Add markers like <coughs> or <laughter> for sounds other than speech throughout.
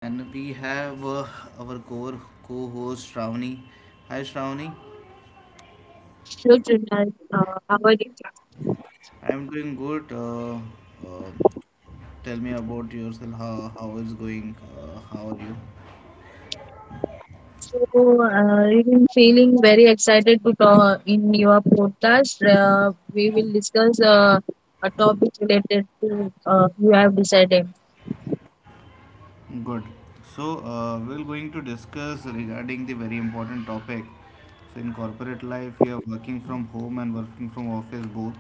and we have our core co host Shravani. Hi Shravani. Children, how are you? I'm doing good. Uh, Tell me about yourself, how is going, how are you? So, I'm feeling very excited to talk in your podcast. We will discuss a topic related to you have decided. Good. So, we're going to discuss regarding the very important topic. So, in corporate life, we are working from home and working from office both.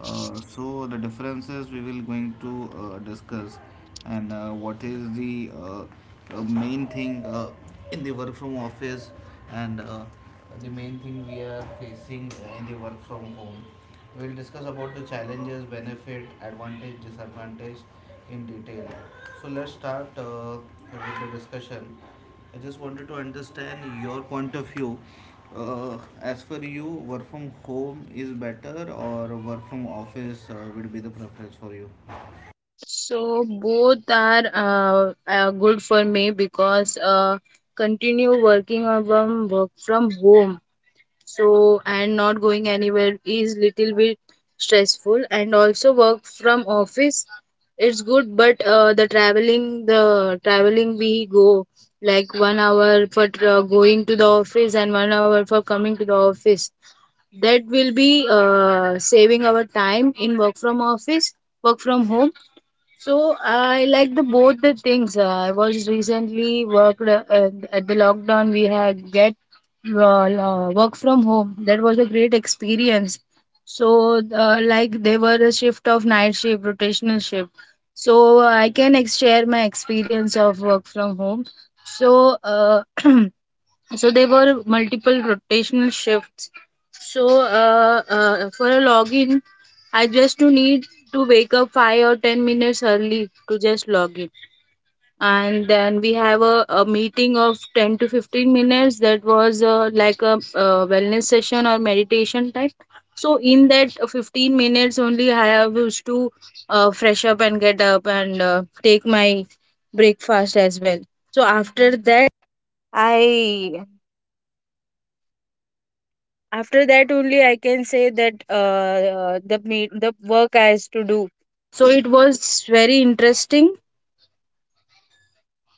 So, the differences we will going to discuss, and what is the main thing in the work from office, and the main thing we are facing in the work from home. We will discuss about the challenges, benefit, advantage, disadvantage in detail. So let's start with the discussion. I just wanted to understand your point of view. As for you, work from home is better or work from office would be the preference for you? So, both are good for me, because continue working on from work from home, so, and not going anywhere is little bit stressful. And also work from office, it's good, but the traveling we go, like 1 hour for going to the office and 1 hour for coming to the office, that will be saving our time in work from office, work from home. So I like the both the things. I was recently worked at the lockdown. We had get well, work from home. That was a great experience. So like they were a shift of night shift, rotational shift. So I can share my experience of work from home. So <clears throat> So there were multiple rotational shifts. So for a login, I just do need to wake up 5 or 10 minutes early to just log in, and then we have a meeting of 10 to 15 minutes that was like a wellness session or meditation type. So in that 15 minutes only, I have used to fresh up and get up and take my breakfast as well. So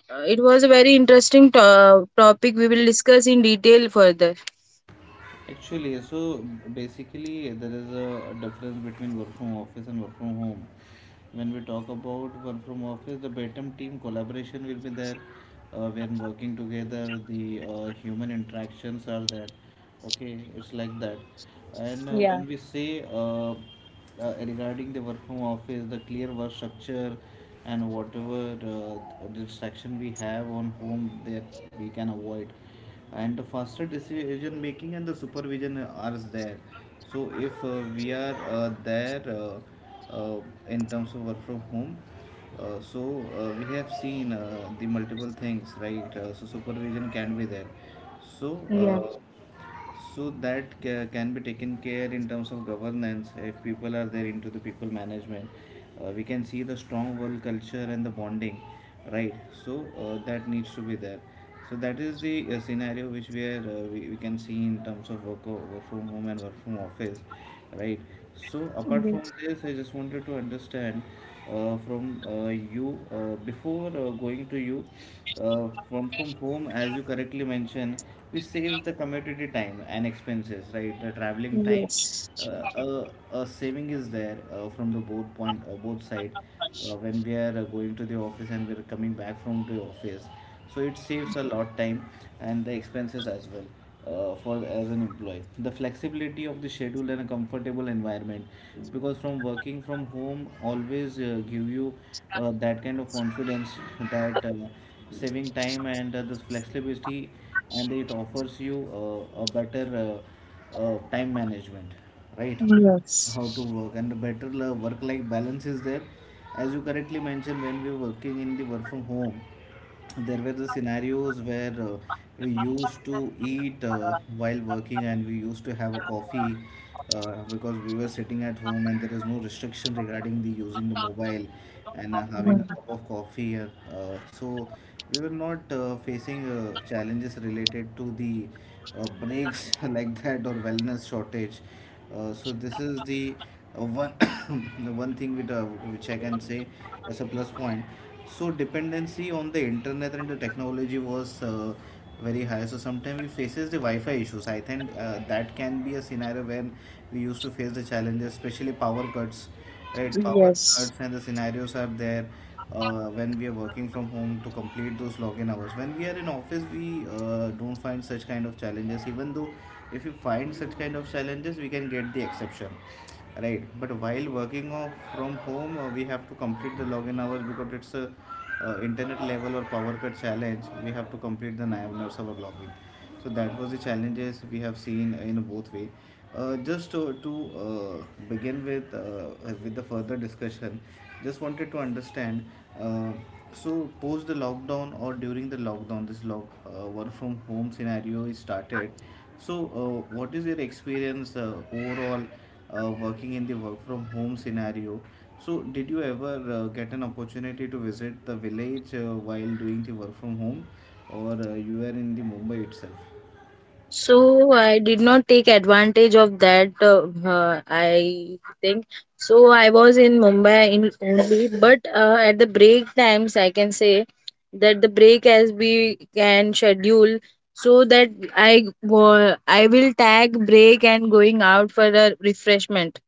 It was a very interesting topic. We will discuss in detail further. Actually, so basically, there is a difference between work from office and work from home. When we talk about work from office, the better team collaboration will be there. When working together, the human interactions are there. Okay, it's like that. And when we say regarding the work from office, the clear work structure, and whatever distraction we have on home that we can avoid, and the faster decision making and the supervision are there. So if we are there, uh, in terms of work from home, we have seen the multiple things, right? So supervision can be there. So. Yeah. Uh, so that can be taken care in terms of governance. If people are there into the people management, we can see the strong work culture and the bonding, right? So that needs to be there. So that is the scenario which we are we can see in terms of work from home and work from office, right? So apart from Yes. this, I just wanted to understand, from you, before going to you, from home, as you correctly mentioned, we saves the commutity time and expenses, right? The traveling time, Yes. A saving is there, from the both point, both side, when we are going to the office and we're coming back from the office, so it saves a lot of time and the expenses as well. For as an employee, the flexibility of the schedule and a comfortable environment, because from working from home always give you that kind of confidence that, saving time and this flexibility, and it offers you a better time management, right? Yes. How to work, and the better work life balance is there. As you correctly mentioned, when we are working in the work from home, there were the scenarios where we used to eat while working, and we used to have a coffee, because we were sitting at home and there is no restriction regarding the using the mobile and having Yeah. a cup of coffee. So we were not facing challenges related to the breaks <laughs> like that or wellness shortage. So this is the one <coughs> the one thing with which I can say as a plus point. So dependency on the internet and the technology was very high, so sometimes we faces the wi-fi issues, I think that can be a scenario when we used to face the challenges, especially power cuts, right? Power Yes. cuts and the scenarios are there when we are working from home to complete those login hours. When we are in office, we don't find such kind of challenges. Even though if you find such kind of challenges, we can get the exception, right? But while working off from home, we have to complete the login hours, because it's a internet level or power cut challenge, we have to complete the 9 hours of our login. So that was the challenges we have seen in both way. Just to begin with, with the further discussion, just wanted to understand, uh, so post the lockdown or during the lockdown, this lock work from home scenario is started. So, what is your experience overall, working in the work from home scenario? So, did you ever get an opportunity to visit the village while doing the work from home, or you are in the Mumbai itself? So I did not take advantage of that. I think so. I was in Mumbai in only, but at the break times, I can say that the break as we can schedule, so that I will tag break and going out for a refreshment.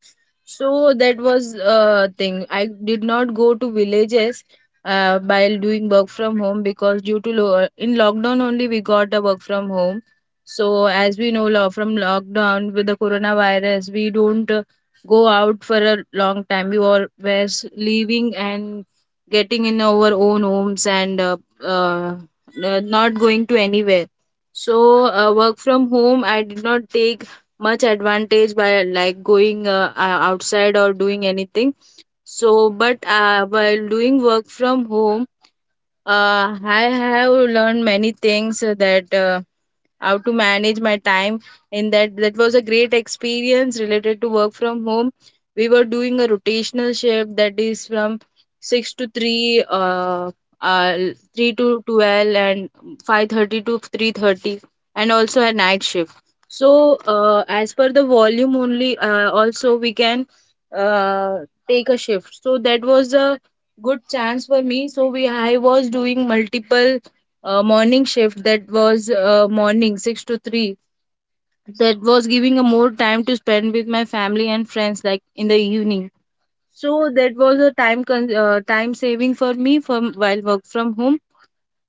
So that was a thing. I did not go to villages while doing work from home, because due to in lockdown only we got the work from home. So as we know, from lockdown with the coronavirus, we don't go out for a long time. We all were leaving and getting in our own homes, and uh, not going to anywhere. So work from home, I did not take much advantage by like going outside or doing anything. So but while doing work from home, I have learned many things, that how to manage my time in that. That was a great experience related to work from home. We were doing a rotational shift, that is from 6 to 3, uh 3 to 12 and 5:30 to 3:30, and also a night shift. So as per the volume only, also we can uh, take a shift, so that was a good chance for me. So we I was doing multiple morning shift, that was morning 6 to 3. That was giving a more time to spend with my family and friends, like in the evening. So that was a time saving for me from while work from home.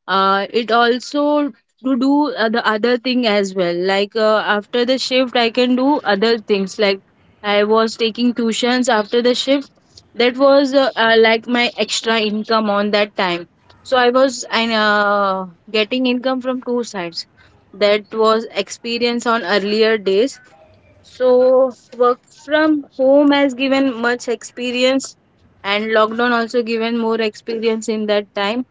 It also to do the other thing as well, like after the shift I can do other things, like I was taking tuitions after the shift. That was like my extra income on that time. So I was and getting income from two sides. That was experience on earlier days. So work from home has given much experience, and lockdown also given more experience in that time.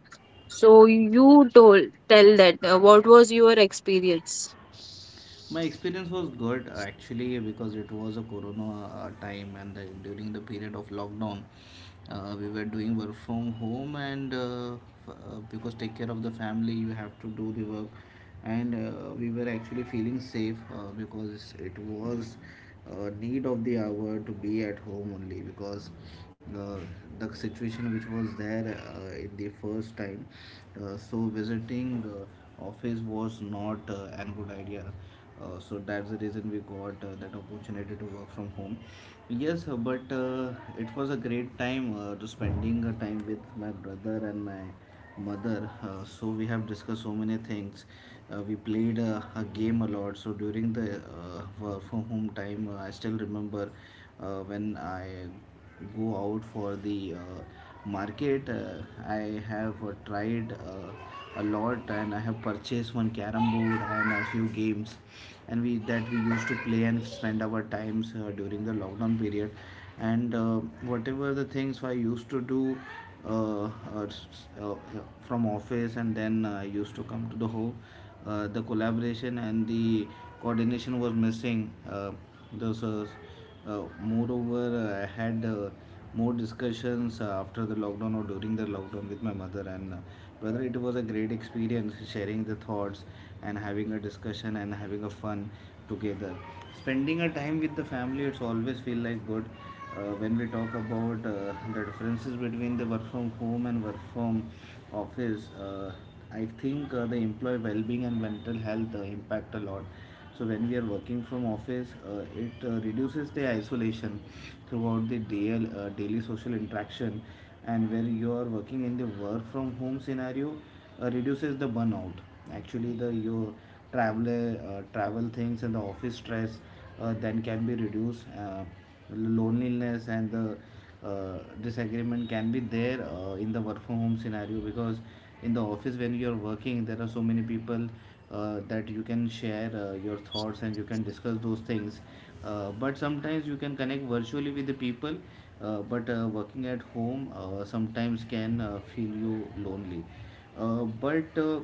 So you told tell that, what was your experience? My experience was good actually, because it was a corona time, and during the period of lockdown, we were doing work from home, and because take care of the family, you have to do the work. And we were actually feeling safe, because it was need of the hour to be at home only, because uh, the situation which was there in the first time, so visiting office was not an good idea. So that's the reason we got that opportunity to work from home, yes. But it was a great time to spending a time with my brother and my mother. So we have discussed so many things, we played a game a lot. So during the work from home time, I still remember when I go out for the market, I have tried a lot, and I have purchased one carom board and a few games, and we that we used to play and spend our times during the lockdown period. And whatever the things I used to do uh, uh, uh, uh, from office, and then I used to come to the home. The collaboration and the coordination was missing, those moreover, I had more discussions after the lockdown or during the lockdown with my mother and brother. It was a great experience sharing the thoughts and having a discussion and having a fun together. Spending a time with the family, it's always feel like good. When we talk about the differences between the work from home and work from office, I think the employee well-being and mental health impact a lot. So when we are working from office, it reduces the isolation throughout the daily social interaction, and where you are working in the work from home scenario, reduces the burnout. Actually the your travel things and the office stress, then can be reduced. Loneliness and the disagreement can be there in the work from home scenario, because in the office when you are working, there are so many people that you can share your thoughts and you can discuss those things. But sometimes you can connect virtually with the people. But working at home sometimes can feel you lonely. But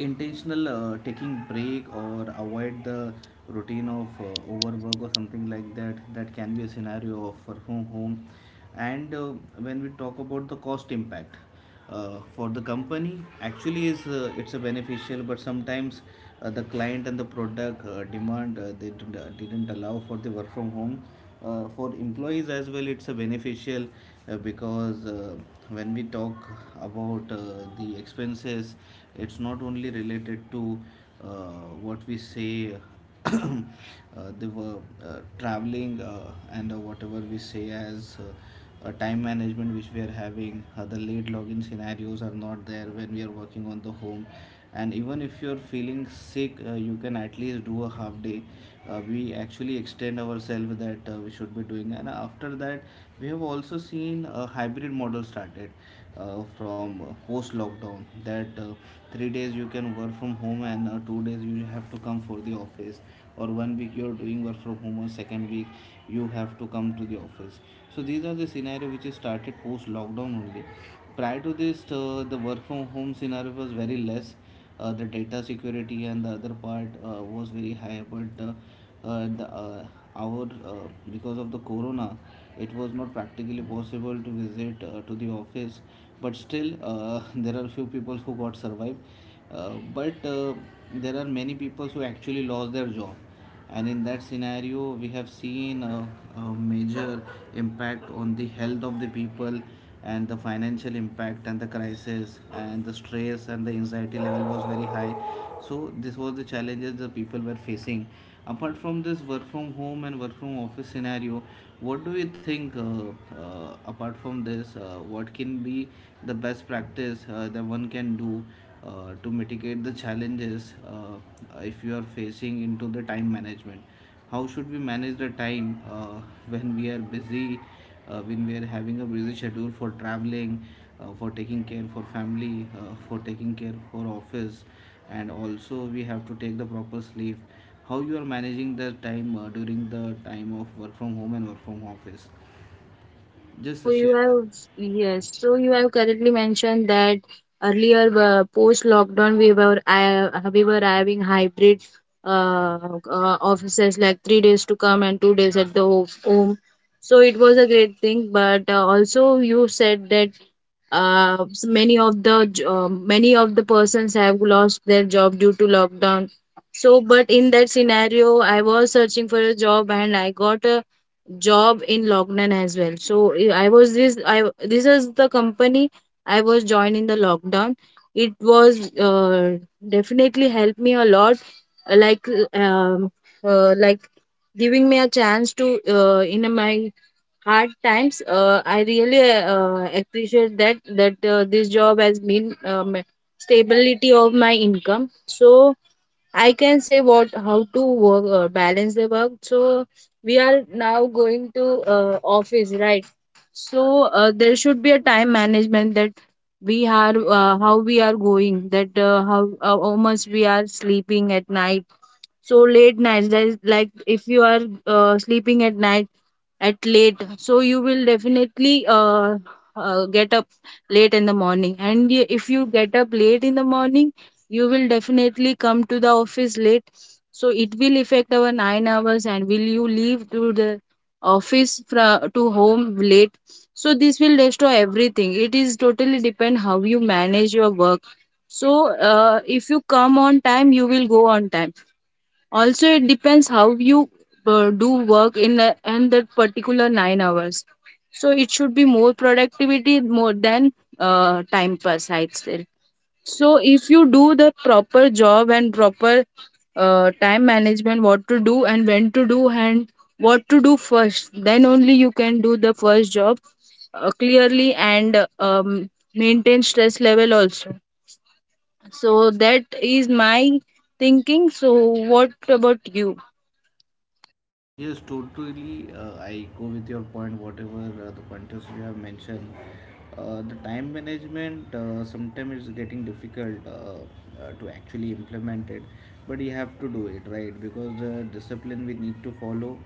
intentional taking break or avoid the routine of overwork or something like that, that can be a scenario of work from home. And when we talk about the cost impact, for the company actually is it's a beneficial, but sometimes the client and the product demand they did, not allow for the work from home. For employees as well it's a beneficial, because when we talk about the expenses, it's not only related to what we say <coughs> uh, they were traveling, and whatever we say as time management, which we are having the late login scenarios are not there when we are working on the home. And even if you're feeling sick, you can at least do a half day. We actually extend ourselves that we should be doing, and after that we have also seen a hybrid model started from post lockdown, that 3 days you can work from home and 2 days you have to come for the office, or one week you're doing work from home or second week you have to come to the office. So these are the scenario which is started post lockdown only. Prior to this, the work from home scenario was very less. The data security and the other part was very high, but the our because of the corona, it was not practically possible to visit to the office. But still, there are few people who got survived. But there are many people who actually lost their job, and in that scenario we have seen a major impact on the health of the people and the financial impact and the crisis and the stress and the anxiety level was very high. So this was the challenges the people were facing apart from this work from home and work from office scenario. What do you think, apart from this, what can be the best practice, that one can do to mitigate the challenges, if you are facing into the time management? How should we manage the time, when we are busy, when we are having a busy schedule for traveling, for taking care for family, for taking care for office? And also we have to take the proper sleep. How you are managing the time, during the time of work from home and work from office? Just So share. Yes, so you have correctly mentioned that earlier post lockdown we were, we were having hybrid uh, offices, like 3 days to come and 2 days at the home. So it was a great thing. But also you said that many of the persons have lost their job due to lockdown. So, but in that scenario, I was searching for a job and I got a job in lockdown as well. So, eh, I was this I this is the company I was joined in the lockdown. It was definitely helped me a lot, uh, like um, like giving me a chance to in my hard times. I really appreciate that that this job has been, stability of my income. So I can say, what how to work balance the work. So we are now going to office, right? So there should be a time management, that we are how we are going, that how much we are sleeping at night. So late nights, that is like if you are sleeping at night at late, so you will definitely get up late in the morning. And if you get up late in the morning, you will definitely come to the office late, so it will affect our 9 hours, and will you leave to the office to home late. So this will destroy everything. It is totally depend how you manage your work. So if you come on time, you will go on time. Also, it depends how you do work in that particular 9 hours. So it should be more productivity more than time pass, I'd say. So if you do the proper job and proper time management, what to do and when to do and what to do first, then only you can do the first job clearly, and maintain stress level also. So that is my thinking. So what about you? Yes, totally. I go with your point, whatever the pointers you have mentioned. The time management, sometimes it's getting difficult, to actually implement it, but you have to do it right because the discipline we need to follow.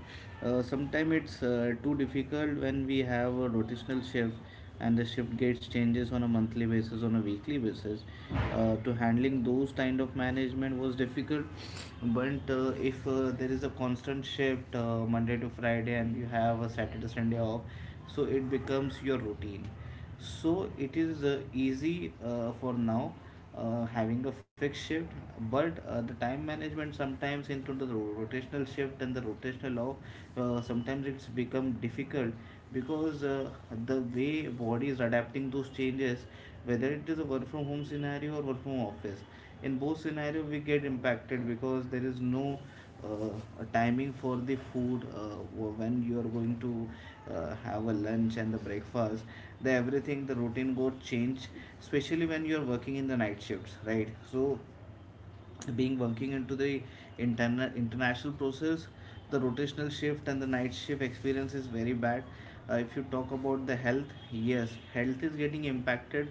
Sometimes it's too difficult when we have a rotational shift and the shift gets changes on a monthly basis on a weekly basis, to handling those kind of management was difficult. But if there is a constant shift, Monday to Friday, and you have a Saturday Sunday off, so it becomes your routine. So it is easy for now, having a fixed shift. But the time management sometimes into the rotational shift and the rotational off, sometimes it's become difficult, because the way body is adapting those changes, whether it is a work from home scenario or work from office, in both scenario we get impacted because there is no uh, a timing for the food, when you are going to have a lunch and the breakfast. The everything the routine got change, especially when you are working in the night shifts, right? So being working into the international process, the rotational shift and the night shift experience is very bad. If you talk about the health, yes, health is getting impacted.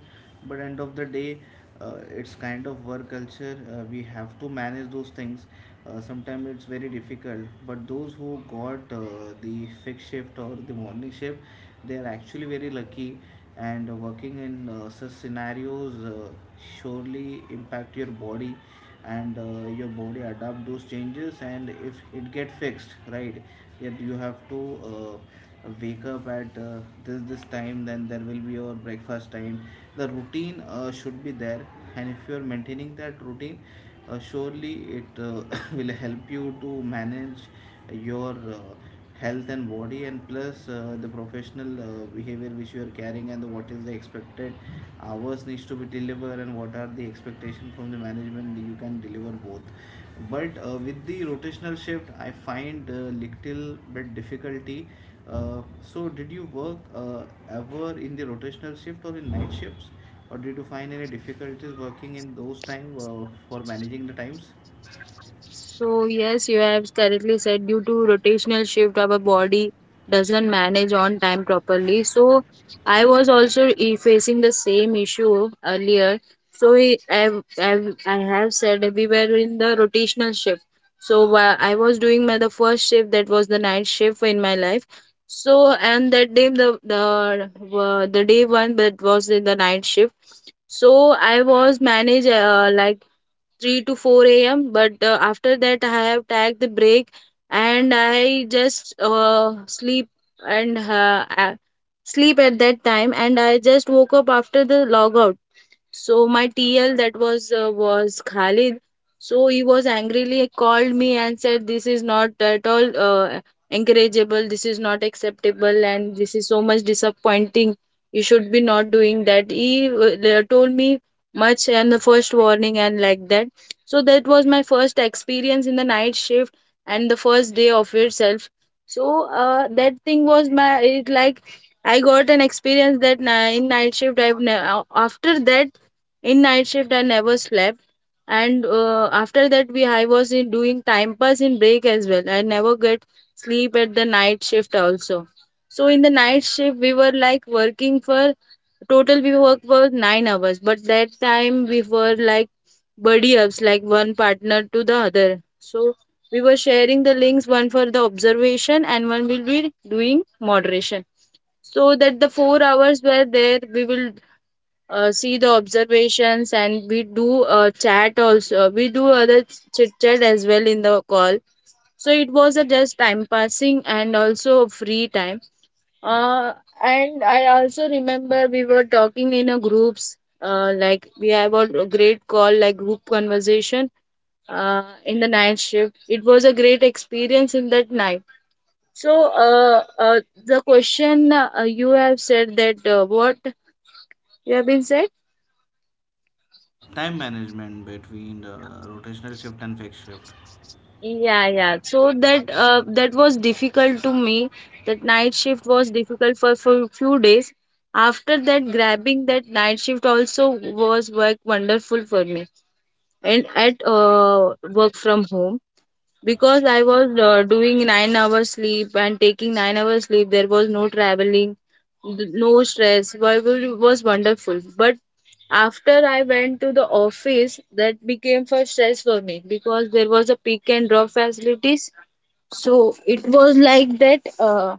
But end of the day, it's kind of work culture, we have to manage those things. Sometimes it's very difficult, but those who got the fixed shift or the morning shift, they are actually very lucky. And working in such scenarios, surely impact your body. And your body adapt those changes, and if it get fixed, right, yet you have to wake up at, this time, then there will be your breakfast time. The routine, should be there. And if you are maintaining that routine, surely it <coughs> will help you to manage your uh, health and body, and plus the professional behavior which you are carrying, and the what is the expected hours needs to be delivered, and what are the expectation from the management, you can deliver both. But with the rotational shift I find a little bit difficulty. So did you work, ever in the rotational shift or in night shifts, or did you find any difficulties working in those time, for managing the times? So, yes, you have correctly said due to rotational shift, our body doesn't manage on time properly. So, I was also facing the same issue earlier. So, I have said that we were in the rotational shift. So, I was doing my the first shift, that was the night shift in my life. So, and that day, the day one that was in the night shift. So I was managed like 3 to 4 a.m. But after that, I have tagged the break and I just sleep, and sleep at that time. And I just woke up after the logout. So my TL, that was Khalid. So he was angrily called me and said, "This is not at all encourageable. This is not acceptable, and this is so much disappointing. You should be not doing that." He told me much and the first warning and like that. So that was my first experience in the night shift, and the first day of itself. So that thing was my, it like I got an experience that, in night shift. After that, in night shift I never slept. And after that, we I was in doing time pass in break as well, I never get sleep at the night shift also. So in the night shift, we were like working for, total we work for 9 hours, but that time we were like buddy ups, like one partner to the other. So we were sharing the links, one for the observation and one will be doing moderation. So that the 4 hours were there, we will see the observations, and we do chat also, we do other chit chat as well in the call. So it was a just time passing and also free time. Uh, and i also remember we were talking in a groups, like we have a great call, like group conversation in the night shift. It was a great experience in that night. So, the question, you have said that, what you have been said? Time management between rotational shift and fixed shift. Yeah, yeah. So that was difficult to me. That night shift was difficult for few days. After that, grabbing that night shift also was work wonderful for me. And at work from home, because I was doing 9 hours sleep and taking 9 hours sleep, there was no traveling, no stress. Well, it was wonderful. But after I went to the office, that became for stress for me, because there was a pick and drop facilities. So it was like that. Uh,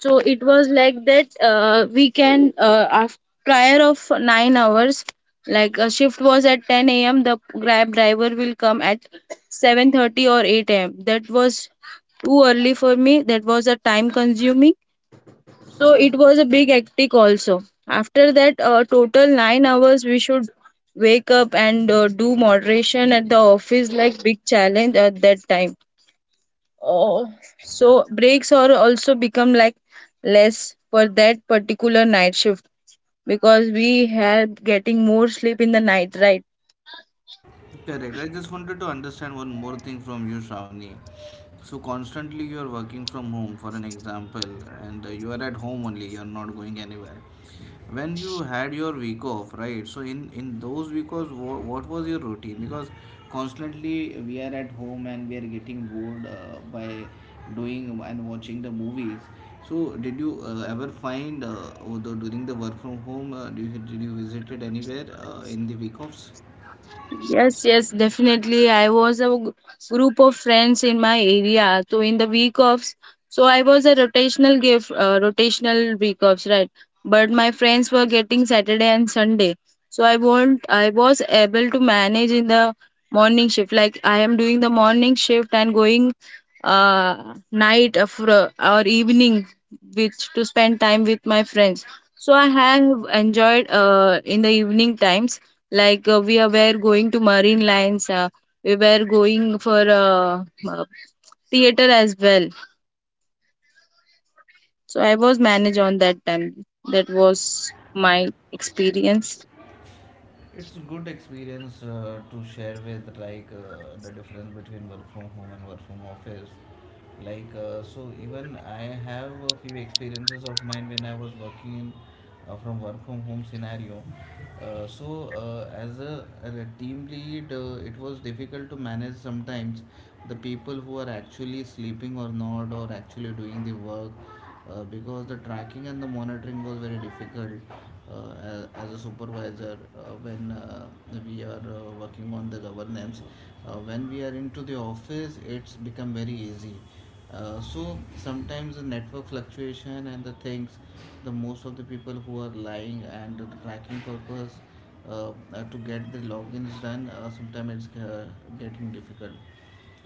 so it was like that, we can after prior of 9 hours, like a shift was at 10 a.m. The Grab driver will come at 7:30 or 8 a.m. That was too early for me. That was a time consuming. So it was a big hectic also. After that, total 9 hours we should wake up and do moderation at the office, like big challenge at that time. Oh, so breaks are also become like less for that particular night shift because we have getting more sleep in the night, right? Correct. I just wanted to understand one more thing from you, Shravani. So constantly you are working from home, for an example, and you are at home only. You are not going anywhere. When you had your week off, right? So in those week offs, what was your routine? Because constantly we are at home and we are getting bored by doing and watching the movies. So did you ever find, although during the work from home? Do did you visited anywhere in the week offs? Yes, yes, definitely. I was a g- group of friends in my area. So in the week offs, so I was a rotational gift, rotational week offs, right? But my friends were getting Saturday and Sunday. So I won't, I was able to manage in the morning shift. Like I am doing the morning shift and going night of, or evening, which to spend time with my friends. So I have enjoyed in the evening times, like were going to marine lines, we were going for uh, theater as well. So I was managed on that time. That was my experience. It's a good experience to share with, like, the difference between work from home and work from office. Like so, even I have a few experiences of mine when I was working in from work from home scenario. So as as a team lead, it was difficult to manage sometimes the people who are actually sleeping or not or actually doing the work, because the tracking and the monitoring was very difficult, as a supervisor when we are working on the governance. When we are into the office, it's become very easy. So sometimes the network fluctuation and the things, the most of the people who are lying and the tracking purpose, to get the logins done, sometimes it's getting difficult.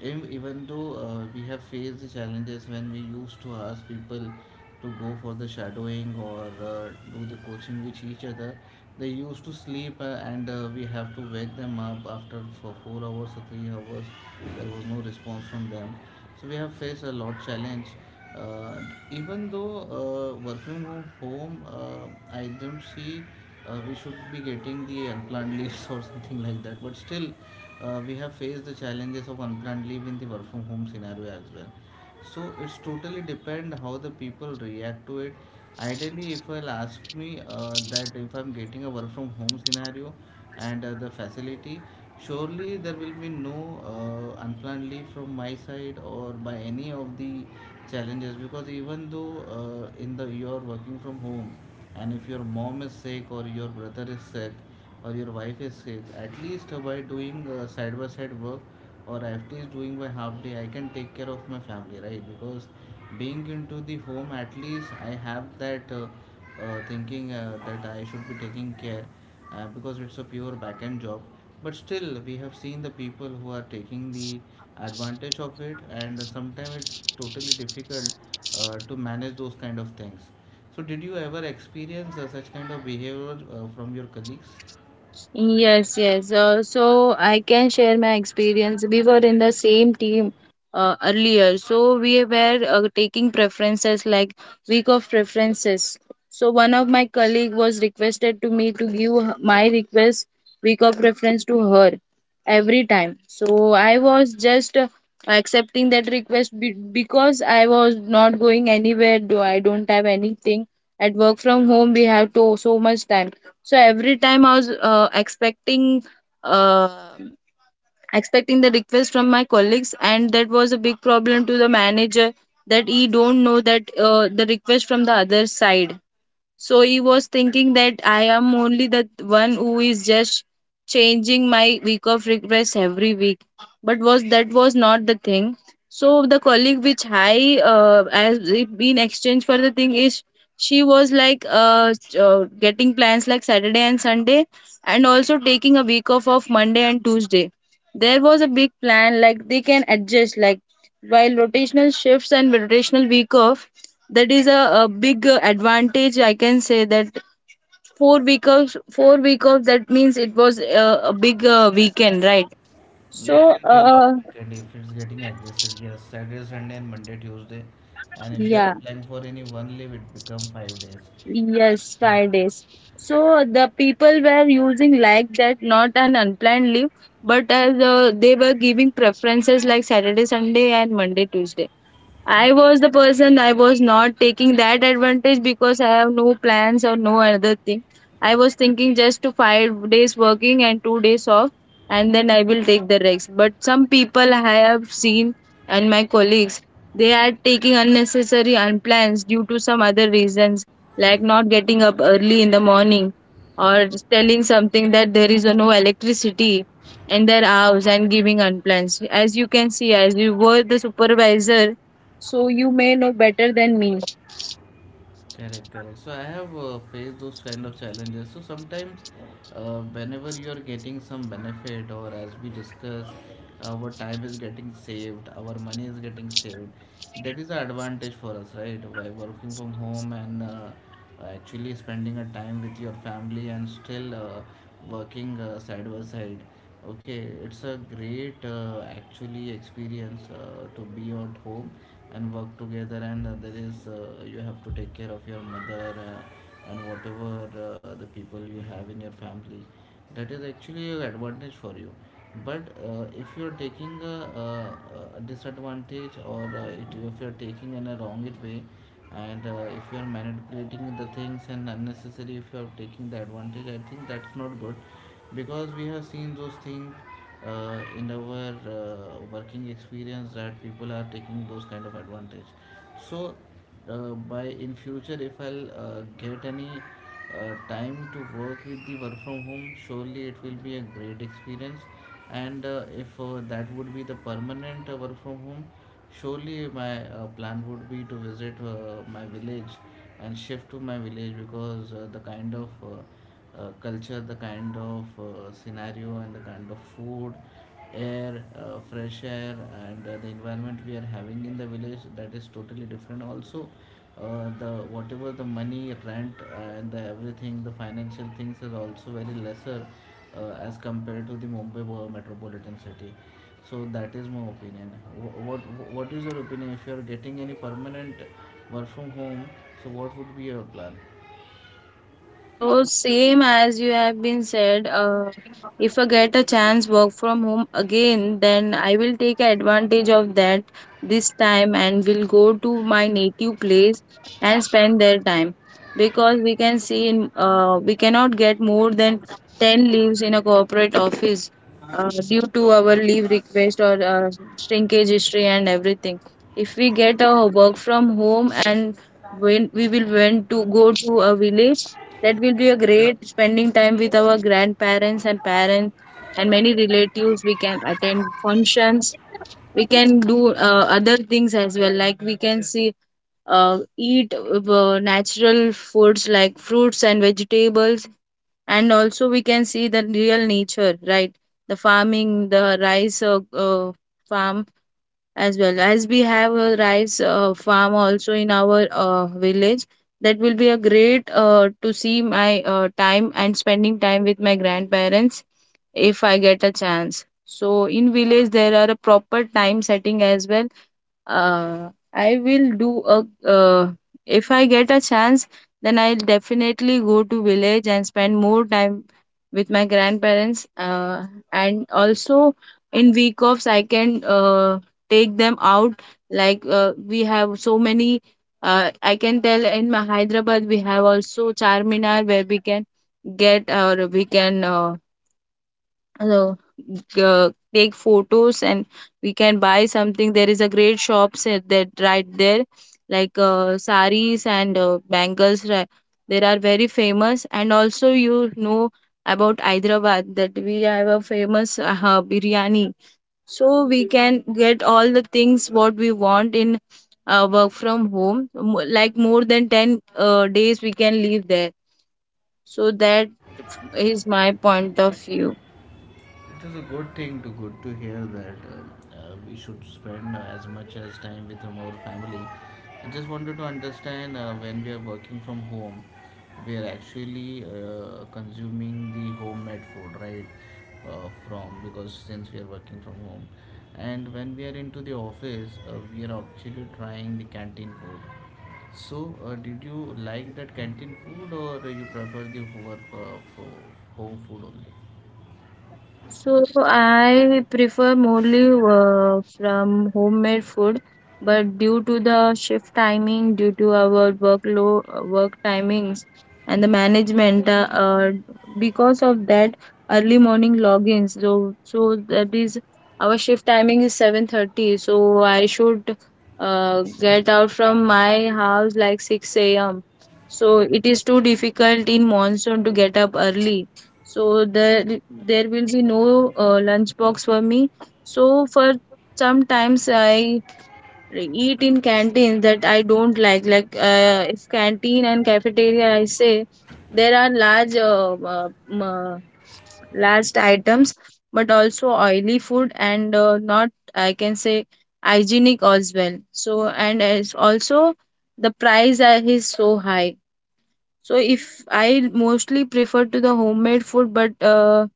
Even though we have faced the challenges when we used to ask people to go for the shadowing or do the coaching with each other, they used to sleep and we have to wake them up after for 4 hours or 3 hours. There was no response from them. So we have faced a lot challenge. Uh, Even though working from home, I don't see we should be getting the unplanned leaves <laughs> or something like that. But still, we have faced the challenges of unplanned leave in the work from home scenario as well. So it's totally depend how the people react to it. Ideally, if I'll ask me that if I'm getting a work from home scenario and the facility, surely there will be no unplanned leave from my side or by any of the challenges. Because even though in the you're working from home and if your mom is sick or your brother is sick or your wife is sick, at least by doing side by side work, or after is doing by half day, I can take care of my family, right? Because being into the home, at least I have that thinking that I should be taking care, because it's a pure back end job. But still we have seen the people who are taking the advantage of it, and sometimes it's totally difficult to manage those kind of things. So did you ever experience such kind of behavior from your colleagues? Yes, yes. So I can share my experience. We were in the same team earlier. So we were taking preferences like week of preferences. So one of my colleague was requested to me to my request week of preference to her every time. So I was just accepting because I was not going anywhere. Do I don't have anything at work from home. We have to so much time, so every time I was uh, expecting the request from my colleagues, and that was a big problem to the manager that he don't know that the request from the other side. So he was thinking that I am only the one who is just changing my week of request every week. But was that was not the thing. So the colleague which I as in exchange for the thing is, she was like getting plans like Saturday and Sunday and also taking a week off of Monday and Tuesday. There was a big plan like they can adjust like while rotational shifts and rotational week off. That is a big advantage I can say that four week of that means it was a big weekend, right? It so can be uh a long uh, weekend if it's getting adjusted. Yes, Saturday, Sunday, and Monday, Tuesday. And if you're yeah, applying for any one leave, it become 5 days. yes, Fridays. So the people were using like that, not an unplanned leave, but as they were giving preferences like Saturday, Sunday and Monday, Tuesday. I was the person, I was not taking that advantage because I have no plans or no other thing. I was thinking just to 5 days working and 2 days off, and then I will take the rest. But some people I have seen and my colleagues, they are taking unnecessary unplans due to some other reasons, like not getting up early in the morning or telling something that there is no electricity in their house and giving unplans. As you can see, as you were the supervisor, so you may know better than me. Correct, correct. So I have faced those kind of challenges. So sometimes, whenever you're getting some benefit, or as we discussed, our time is getting saved, our money is getting saved. That is an advantage for us, right? By working from home and actually spending a time with your family and still working side by side. Okay, it's a great actually experience to be at home and work together. And there is you have to take care of your mother and whatever the people you have in your family. That is actually an advantage for you. But if you are taking a disadvantage or if you are taking in a wrong it way, and if you are manipulating the things and unnecessary, if you are taking the advantage, I think that's not good because we have seen those things in our working experience that people are taking those kind of advantage. So by in future if I'll get any time to work with the work from home, surely it will be a great experience. And if that would be the permanent work from home, surely my plan would be to visit my village and shift to my village because the kind of culture, the kind of scenario, and the kind of food, air, fresh air, and the environment we are having in the village that is totally different. Also, the whatever the money, rent, and the everything, the financial things are also very lesser as compared to the Mumbai metropolitan city. So that is my opinion. Wh- What what is your opinion? If you are getting any permanent work from home, so what would be your plan? So same as you have been said, if I get a chance work from home again, then I will take advantage of that this time and will go to my native place and spend their time, because we can see in we cannot get more than 10 leaves in a corporate office due to our leave request or shrinkage history and everything. If we get a work from home and when we will went to go to a village, that will be a great spending time with our grandparents and parents and many relatives. We can attend functions. We can do other things as well. Like we can see, eat natural foods like fruits and vegetables, and also we can see the real nature, right? The farming, the rice farm, as well as we have a rice farm also in our village. That will be a great to see my time and spending time with my grandparents if I get a chance. So in village there are a proper time setting as well. I will do a If I get a chance, then I'll definitely go to village and spend more time with my grandparents. And also in week offs, I can take them out. Like we have so many. I can tell in my Hyderabad we have also Charminar where we can get or we can uh, take photos and we can buy something. There is a great shops at that right there, like saris and there are very famous. And also you know about Hyderabad that we have a famous biryani. So we can get all the things what we want in work from like more than 10 days we can live there. So that is my point of view. It is a good thing to good to hear that we should spend as much as time with our family. I just wanted to understand when we are working from home, we are actually consuming the homemade food, right? From because since we are working from home, and when we are into the office, we are actually trying the canteen food. So, did you like that canteen food, or you prefer the work for home food only? So I prefer mostly from homemade food, but due to the shift timing, due to our workload, work timings, and the because of that early morning logins. So that is our shift timing is 7:30. So I should get out from my house like six a.m. So it is too difficult in monsoon to get up early, so there will be no lunch box for me. So for sometimes I eat in canteens that I don't like. Like if canteen and cafeteria I say, there are large items, but also oily food and not I can say hygienic as well. So and as also the price are- is so high. So if I mostly prefer to the homemade food, but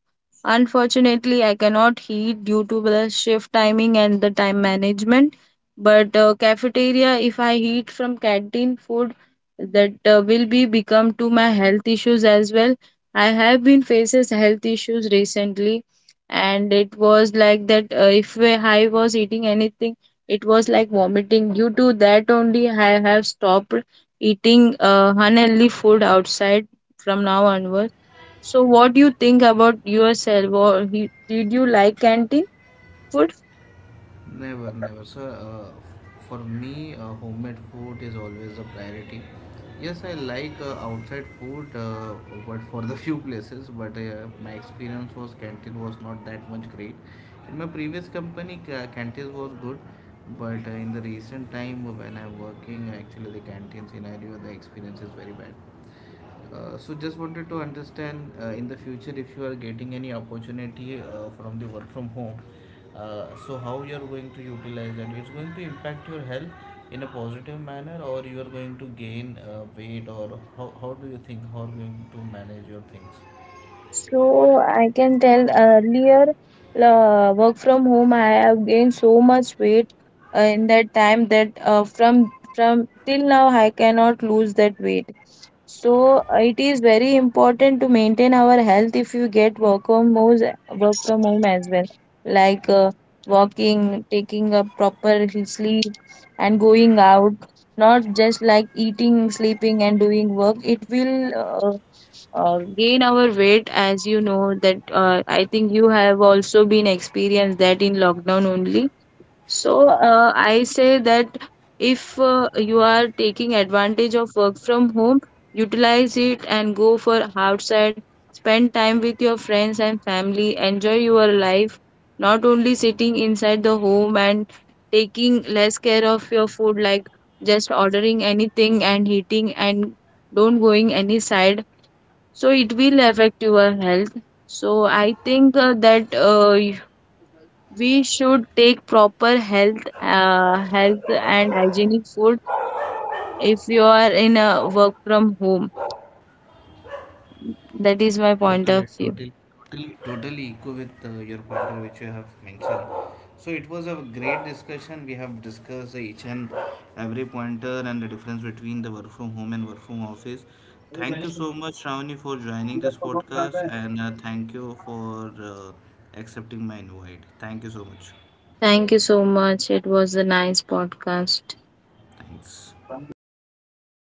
unfortunately, I cannot heat due to the shift timing and the time management. But cafeteria, if I heat from canteen food, that will be become to my health issues as well. I have been faces health issues recently, and it was like that. If I was eating anything, it was like vomiting. Due to that only, I have stopped eating unhealthy food outside from now onwards. So, what do you think about yourself, or he, did you like canteen food? Never, never. Sir. For me, homemade food is always a priority. Yes, I like outside food, but for the <laughs> few places. But my experience was canteen was not that much great. In my previous company, canteen was good, but in the recent time when I'm working, actually the canteen scenario, the experience is very bad. So just wanted to understand in the future if you are getting any opportunity from the work from home, so how you are going to utilize, and it's going to impact your health in a positive manner, or you are going to gain weight, or how do you think how are you going to manage your things? So I can tell earlier, work from home, I have gained so much weight in that time that from till now I cannot lose that weight. So it is very important to maintain our health if you get work from home as well, like walking, taking a proper sleep, and going out. Not just like eating, sleeping, and doing work. It will gain our weight, as you know that I think you have also been experienced that in lockdown only. So I say that if you are taking advantage of work from home, utilize it and go for outside, spend time with your friends and family, enjoy your life, not only sitting inside the home and taking less care of your food, like just ordering anything and eating and don't going any side. So it will affect your health. So I think that we should take proper health and hygienic food if you are in a work from home. That is my Totally, point of totally. view. Totally totally echo with your pointer which you have mentioned. So it was a great discussion. We have discussed each and every pointer and the difference between the work from home and work from office. Thank you so much, Shravani, for joining this podcast, and thank you for accepting my invite. Thank you so much. Thank you so much. It was a nice podcast. Thanks.